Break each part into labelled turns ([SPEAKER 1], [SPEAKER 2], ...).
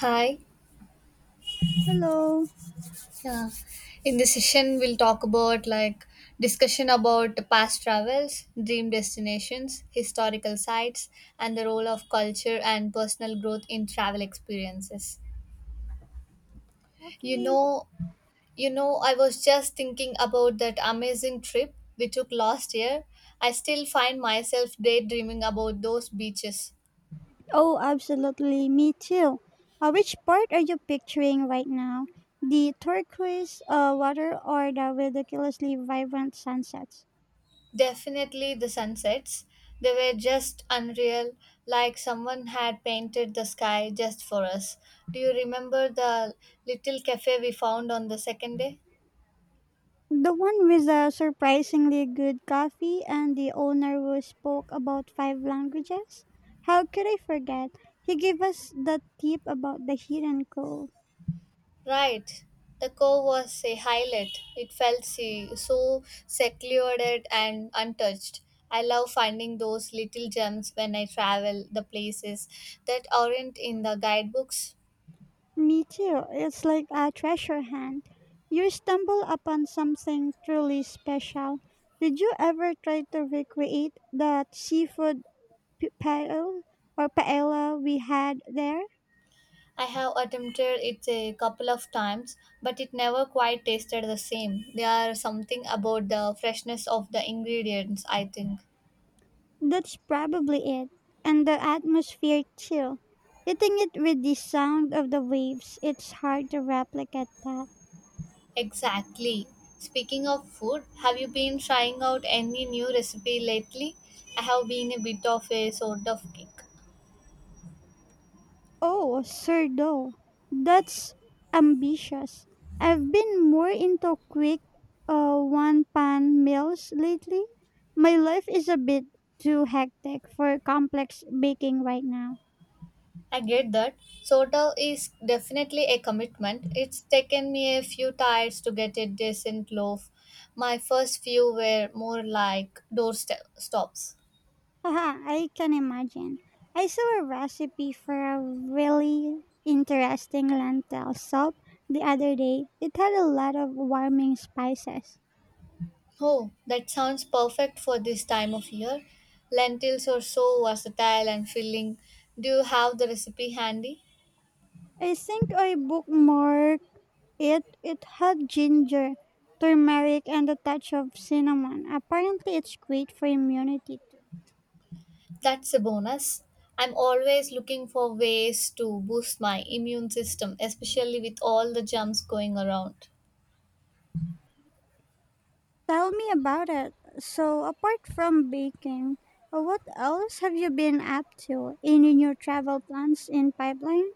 [SPEAKER 1] Hi.
[SPEAKER 2] Hello.
[SPEAKER 1] Yeah. In this session, we'll talk about like discussion about past travels, dream destinations, historical sites, and the role of culture and personal growth in travel experiences. You
[SPEAKER 2] Okay.
[SPEAKER 1] know, I was just thinking about that amazing trip we took last year. I still find myself daydreaming about those beaches.
[SPEAKER 2] Oh, absolutely. Me too. Which part are you picturing right now? The turquoise water or the ridiculously vibrant sunsets?
[SPEAKER 1] Definitely the sunsets. They were just unreal, like someone had painted the sky just for us. Do you remember the little cafe we found on the second day?
[SPEAKER 2] The one with the surprisingly good coffee and the owner who spoke about five languages? How could I forget? He gave us the tip about the hidden cove.
[SPEAKER 1] Right. The cove was a highlight. It felt so secluded and untouched. I love finding those little gems when I travel, the places that aren't in the guidebooks.
[SPEAKER 2] Me too. It's like a treasure hunt. You stumble upon something truly special. Did you ever try to recreate that seafood paella or paella we had there?
[SPEAKER 1] I have attempted it a couple of times, but it never quite tasted the same. There are something about the freshness of the ingredients, I think.
[SPEAKER 2] That's probably it. And the atmosphere too. Hitting it with the sound of the waves, it's hard to replicate that.
[SPEAKER 1] Exactly. Speaking of food, have you been trying out any new recipe lately? I have been a bit of a sort of kick.
[SPEAKER 2] Oh, sir, though, that's ambitious. I've been more into quick one pan meals lately. My life is a bit too hectic for complex baking right now.
[SPEAKER 1] I get that. Soda is definitely a commitment. It's taken me a few tries to get a decent loaf. My first few were more like doorstep stops.
[SPEAKER 2] Haha, I can imagine. I saw a recipe for a really interesting lentil soup the other day. It had a lot of warming spices.
[SPEAKER 1] Oh, that sounds perfect for this time of year. Lentils are so versatile and filling. Do you have the recipe handy?
[SPEAKER 2] I think I booked more. It had ginger, turmeric, and a touch of cinnamon. Apparently, it's great for immunity too.
[SPEAKER 1] That's a bonus. I'm always looking for ways to boost my immune system, especially with all the germs going around.
[SPEAKER 2] Tell me about it. So, apart from baking, what else have you been up to? Any new travel plans in pipeline?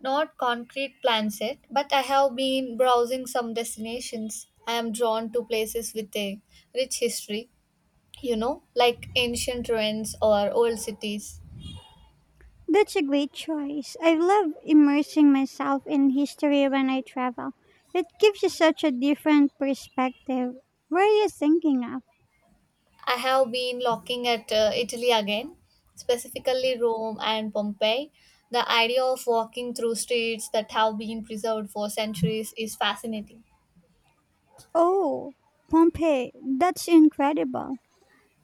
[SPEAKER 1] Not concrete plans yet, but I have been browsing some destinations. I am drawn to places with a rich history, you know, like ancient ruins or old cities.
[SPEAKER 2] That's a great choice. I love immersing myself in history when I travel. It gives you such a different perspective. Where are you thinking of?
[SPEAKER 1] I have been looking at Italy again, specifically Rome and Pompeii. The idea of walking through streets that have been preserved for centuries is fascinating.
[SPEAKER 2] Oh, Pompeii. That's incredible.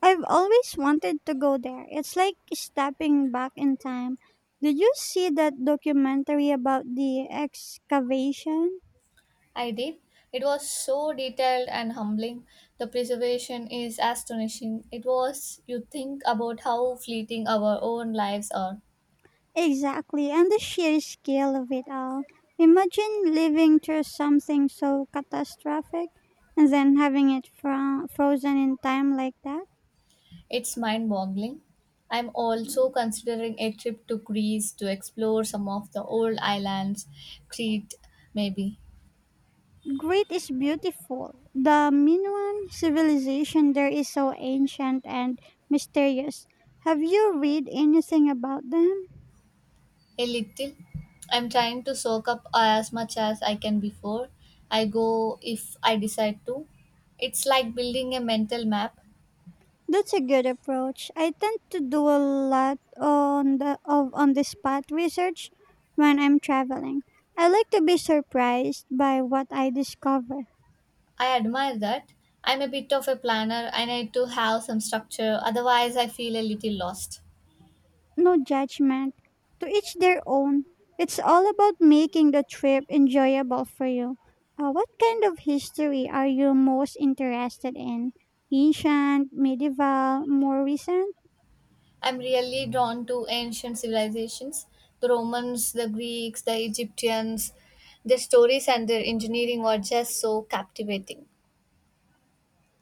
[SPEAKER 2] I've always wanted to go there. It's like stepping back in time. Did you see that documentary about the excavation?
[SPEAKER 1] I did. It was so detailed and humbling. The preservation is astonishing. It was, you think about how fleeting our own lives are.
[SPEAKER 2] Exactly, and the sheer scale of it all. Imagine living through something so catastrophic and then having it frozen in time like that.
[SPEAKER 1] It's mind boggling. I'm also considering a trip to Greece to explore some of the old islands, Crete, maybe.
[SPEAKER 2] Great is beautiful. The Minoan civilization there is so ancient and mysterious. Have you read anything about them?
[SPEAKER 1] A little. I'm trying to soak up as much as I can before I go if I decide to. It's like building a mental map.
[SPEAKER 2] That's a good approach. I tend to do a lot on the spot research when I'm traveling. I like to be surprised by what I discover.
[SPEAKER 1] I admire that. I'm a bit of a planner. I need to have some structure, otherwise, I feel a little lost.
[SPEAKER 2] No judgment. To each their own. It's all about making the trip enjoyable for you. What kind of history are you most interested in? Ancient, medieval, more recent?
[SPEAKER 1] I'm really drawn to ancient civilizations, the Romans, the Greeks, the Egyptians. Their stories and their engineering are just so captivating.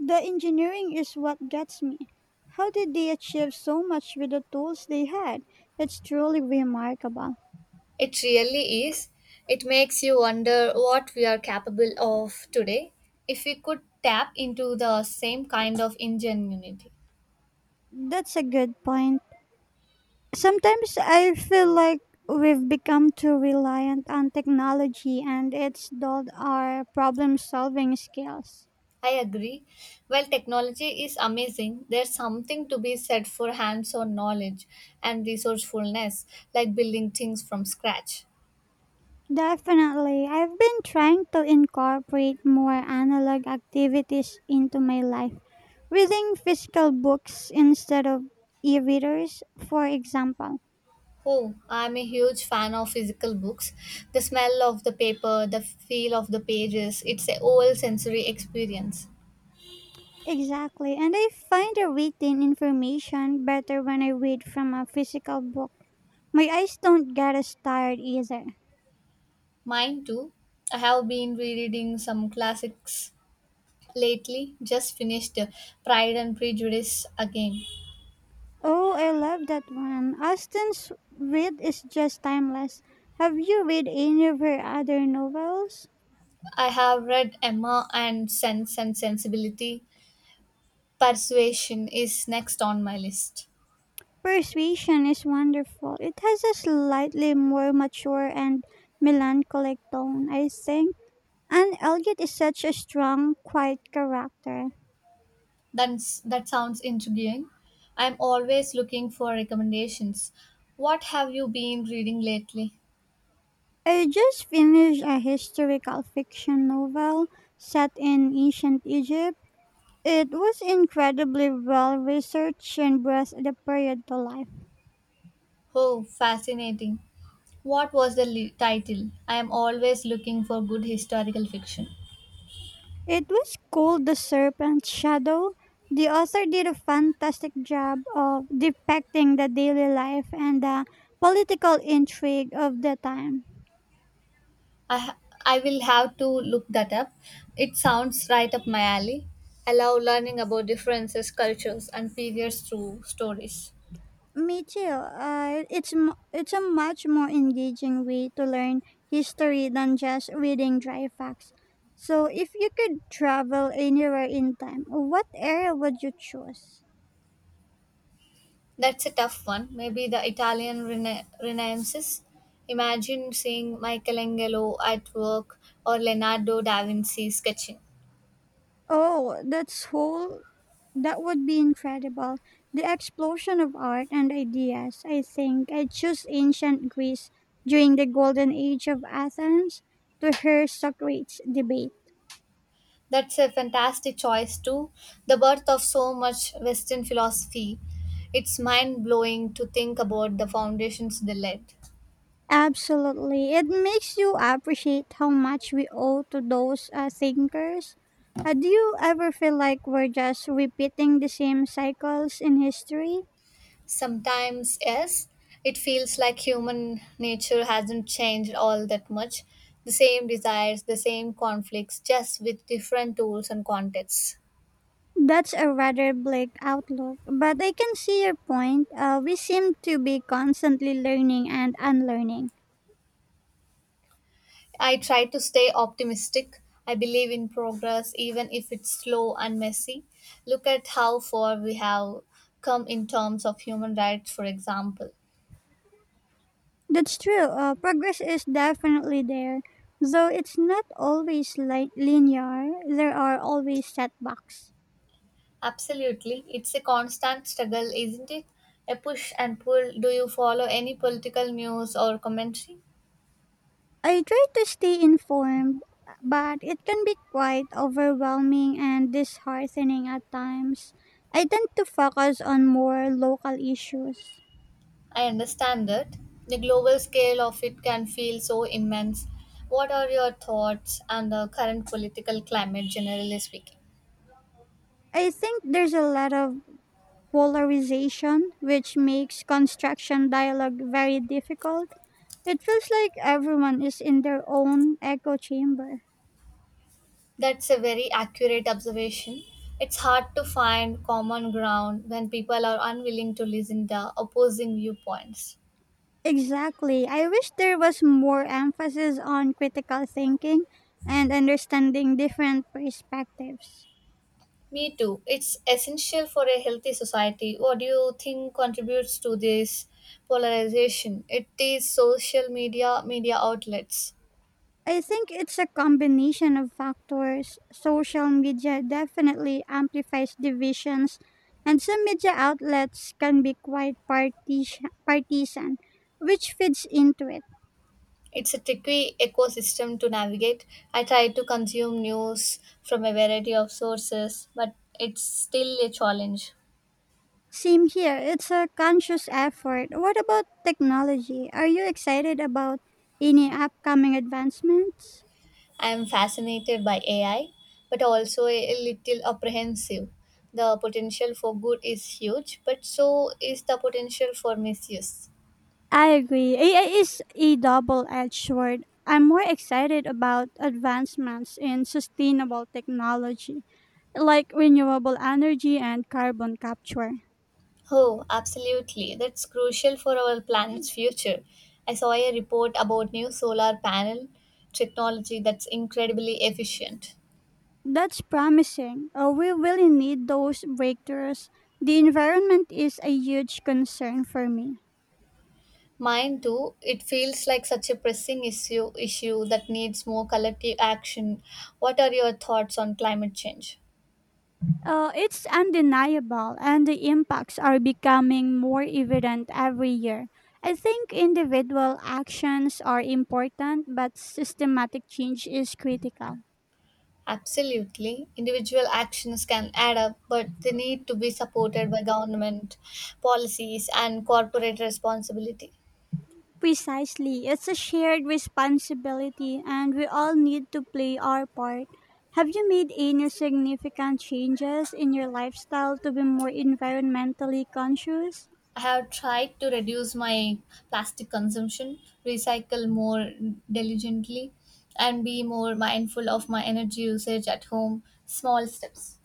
[SPEAKER 2] The engineering is what gets me. How did they achieve so much with the tools they had? It's truly remarkable.
[SPEAKER 1] It really is. It makes you wonder what we are capable of today if we could tap into the same kind of ingenuity.
[SPEAKER 2] That's a good point. Sometimes I feel like we've become too reliant on technology and it's dulled our problem solving skills.
[SPEAKER 1] I agree. While technology is amazing, there's something to be said for hands on knowledge and resourcefulness, like building things from scratch.
[SPEAKER 2] Definitely. I've been trying to incorporate more analog activities into my life. Reading physical books instead of e readers, for example.
[SPEAKER 1] Oh, I'm a huge fan of physical books. The smell of the paper, the feel of the pages, it's a whole sensory experience.
[SPEAKER 2] Exactly, and I find the written information better when I read from a physical book. My eyes don't get as tired either.
[SPEAKER 1] Mine too. I have been rereading some classics lately. Just finished Pride and Prejudice again.
[SPEAKER 2] Oh, I love that one. Austen's read is just timeless. Have you read any of her other novels?
[SPEAKER 1] I have read Emma and Sense and Sensibility. Persuasion is next on my list.
[SPEAKER 2] Persuasion is wonderful. It has a slightly more mature and melancholic tone, I think. And Elliot is such a strong, quiet character.
[SPEAKER 1] That sounds intriguing. I'm always looking for recommendations. What have you been reading lately?
[SPEAKER 2] I just finished a historical fiction novel set in ancient Egypt. It was incredibly well researched and brought the period to life.
[SPEAKER 1] Oh, fascinating. What was the title? I am always looking for good historical fiction.
[SPEAKER 2] It was called The Serpent's Shadow. The author did a fantastic job of depicting the daily life and the political intrigue of the time.
[SPEAKER 1] I ha- I will have to look that up. It sounds right up my alley. I love learning about differences, cultures, and periods through stories.
[SPEAKER 2] Me too. It's a much more engaging way to learn history than just reading dry facts. So, if you could travel anywhere in time, what area would you choose?
[SPEAKER 1] That's a tough one. Maybe the Italian Renaissance. Imagine seeing Michelangelo at work or Leonardo da Vinci sketching.
[SPEAKER 2] Oh, that's whole. That would be incredible. The explosion of art and ideas. I think I choose ancient Greece during the golden age of Athens to hear Socrates debate.
[SPEAKER 1] That's a fantastic choice too. The birth of so much Western philosophy. It's mind blowing to think about the foundations they laid.
[SPEAKER 2] Absolutely. It makes you appreciate how much we owe to those thinkers. Do you ever feel like we're just repeating the same cycles in history?
[SPEAKER 1] Sometimes, yes, it feels like human nature hasn't changed all that much. The same desires, the same conflicts, just with different tools and contexts.
[SPEAKER 2] That's a rather bleak outlook, but I can see your point. We seem to be constantly learning and unlearning.
[SPEAKER 1] I try to stay optimistic. I believe in progress, even if it's slow and messy. Look at how far we have come in terms of human rights, for example.
[SPEAKER 2] That's true. Progress is definitely there, though it's not always linear. There are always setbacks.
[SPEAKER 1] Absolutely, it's a constant struggle, isn't it? A push and pull. Do you follow any political news or commentary?
[SPEAKER 2] I try to stay informed, but it can be quite overwhelming and disheartening at times. I tend to focus on more local issues.
[SPEAKER 1] I understand that. The global scale of it can feel so immense. What are your thoughts on the current political climate, generally speaking?
[SPEAKER 2] I think there's a lot of polarization, which makes construction dialogue very difficult. It feels like everyone is in their own echo chamber.
[SPEAKER 1] That's a very accurate observation. It's hard to find common ground when people are unwilling to listen to opposing viewpoints.
[SPEAKER 2] Exactly. I wish there was more emphasis on critical thinking and understanding different perspectives.
[SPEAKER 1] Me too. It's essential for a healthy society. What do you think contributes to this polarization? It is social media, media outlets.
[SPEAKER 2] I think it's a combination of factors. Social media definitely amplifies divisions, and some media outlets can be quite partisan, which feeds into it.
[SPEAKER 1] It's a tricky ecosystem to navigate. I try to consume news from a variety of sources, but it's still a challenge.
[SPEAKER 2] Same here, it's a conscious effort. What about technology? Are you excited about any upcoming advancements?
[SPEAKER 1] I am fascinated by AI, but also a little apprehensive. The potential for good is huge, but so is the potential for misuse.
[SPEAKER 2] I agree. AI is a double edged sword. I'm more excited about advancements in sustainable technology like renewable energy and carbon capture.
[SPEAKER 1] Oh, absolutely. That's crucial for our planet's future. I saw a report about new solar panel technology that's incredibly efficient.
[SPEAKER 2] That's promising. We really need those breakthroughs. The environment is a huge concern for me.
[SPEAKER 1] Mine too. It feels like such a pressing issue that needs more collective action. What are your thoughts on climate change?
[SPEAKER 2] It's undeniable, and the impacts are becoming more evident every year. I think individual actions are important, but systematic change is critical.
[SPEAKER 1] Absolutely. Individual actions can add up, but they need to be supported by government policies and corporate responsibility.
[SPEAKER 2] Precisely. It's a shared responsibility and we all need to play our part. Have you made any significant changes in your lifestyle to be more environmentally conscious?
[SPEAKER 1] I have tried to reduce my plastic consumption, recycle more diligently, and be more mindful of my energy usage at home. Small steps.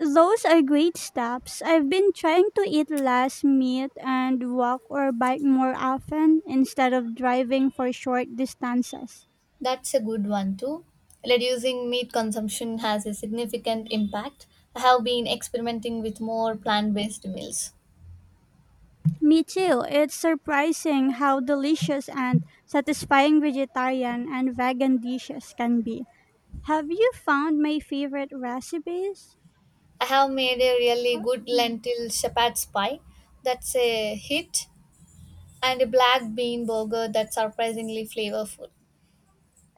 [SPEAKER 2] Those are great steps. I've been trying to eat less meat and walk or bike more often instead of driving for short distances.
[SPEAKER 1] That's a good one too. Reducing meat consumption has a significant impact. I have been experimenting with more plant based meals.
[SPEAKER 2] Me too. It's surprising how delicious and satisfying vegetarian and vegan dishes can be. Have you found my favorite recipes?
[SPEAKER 1] I have made a really good
[SPEAKER 2] Mm.
[SPEAKER 1] lentil shepherd's pie that's a hit, and a black bean burger that's surprisingly flavorful.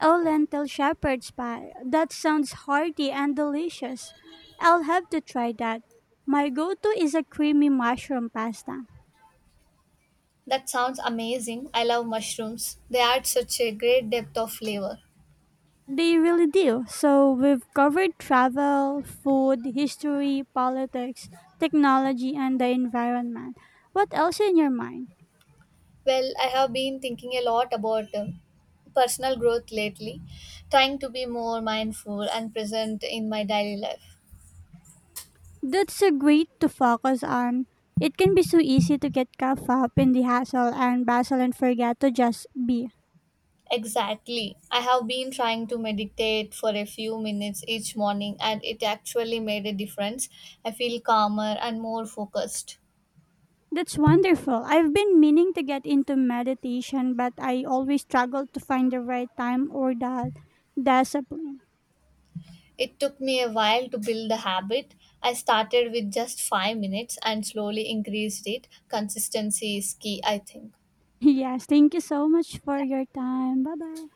[SPEAKER 2] Oh, lentil shepherd's pie. That sounds hearty and delicious. I'll have to try that. My go to is a creamy mushroom pasta.
[SPEAKER 1] That sounds amazing. I love mushrooms, they add such a great depth of flavor.
[SPEAKER 2] They really do. So, we've covered travel, food, history, politics, technology, and the environment. What else in your mind?
[SPEAKER 1] Well, I have been thinking a lot about personal growth lately, trying to be more mindful and present in my daily life.
[SPEAKER 2] That's a great to focus on. It can be so easy to get caught up in the hassle and bustle and forget to just be.
[SPEAKER 1] Exactly. I have been trying to meditate for a few minutes each morning, and it actually made a difference. I feel calmer and more focused.
[SPEAKER 2] That's wonderful. I've been meaning to get into meditation, but I always struggle to find the right time or the discipline.
[SPEAKER 1] It took me a while to build the habit. I started with just 5 minutes and slowly increased it. Consistency is key, I think.
[SPEAKER 2] Yes, thank you so much for your time. Bye bye.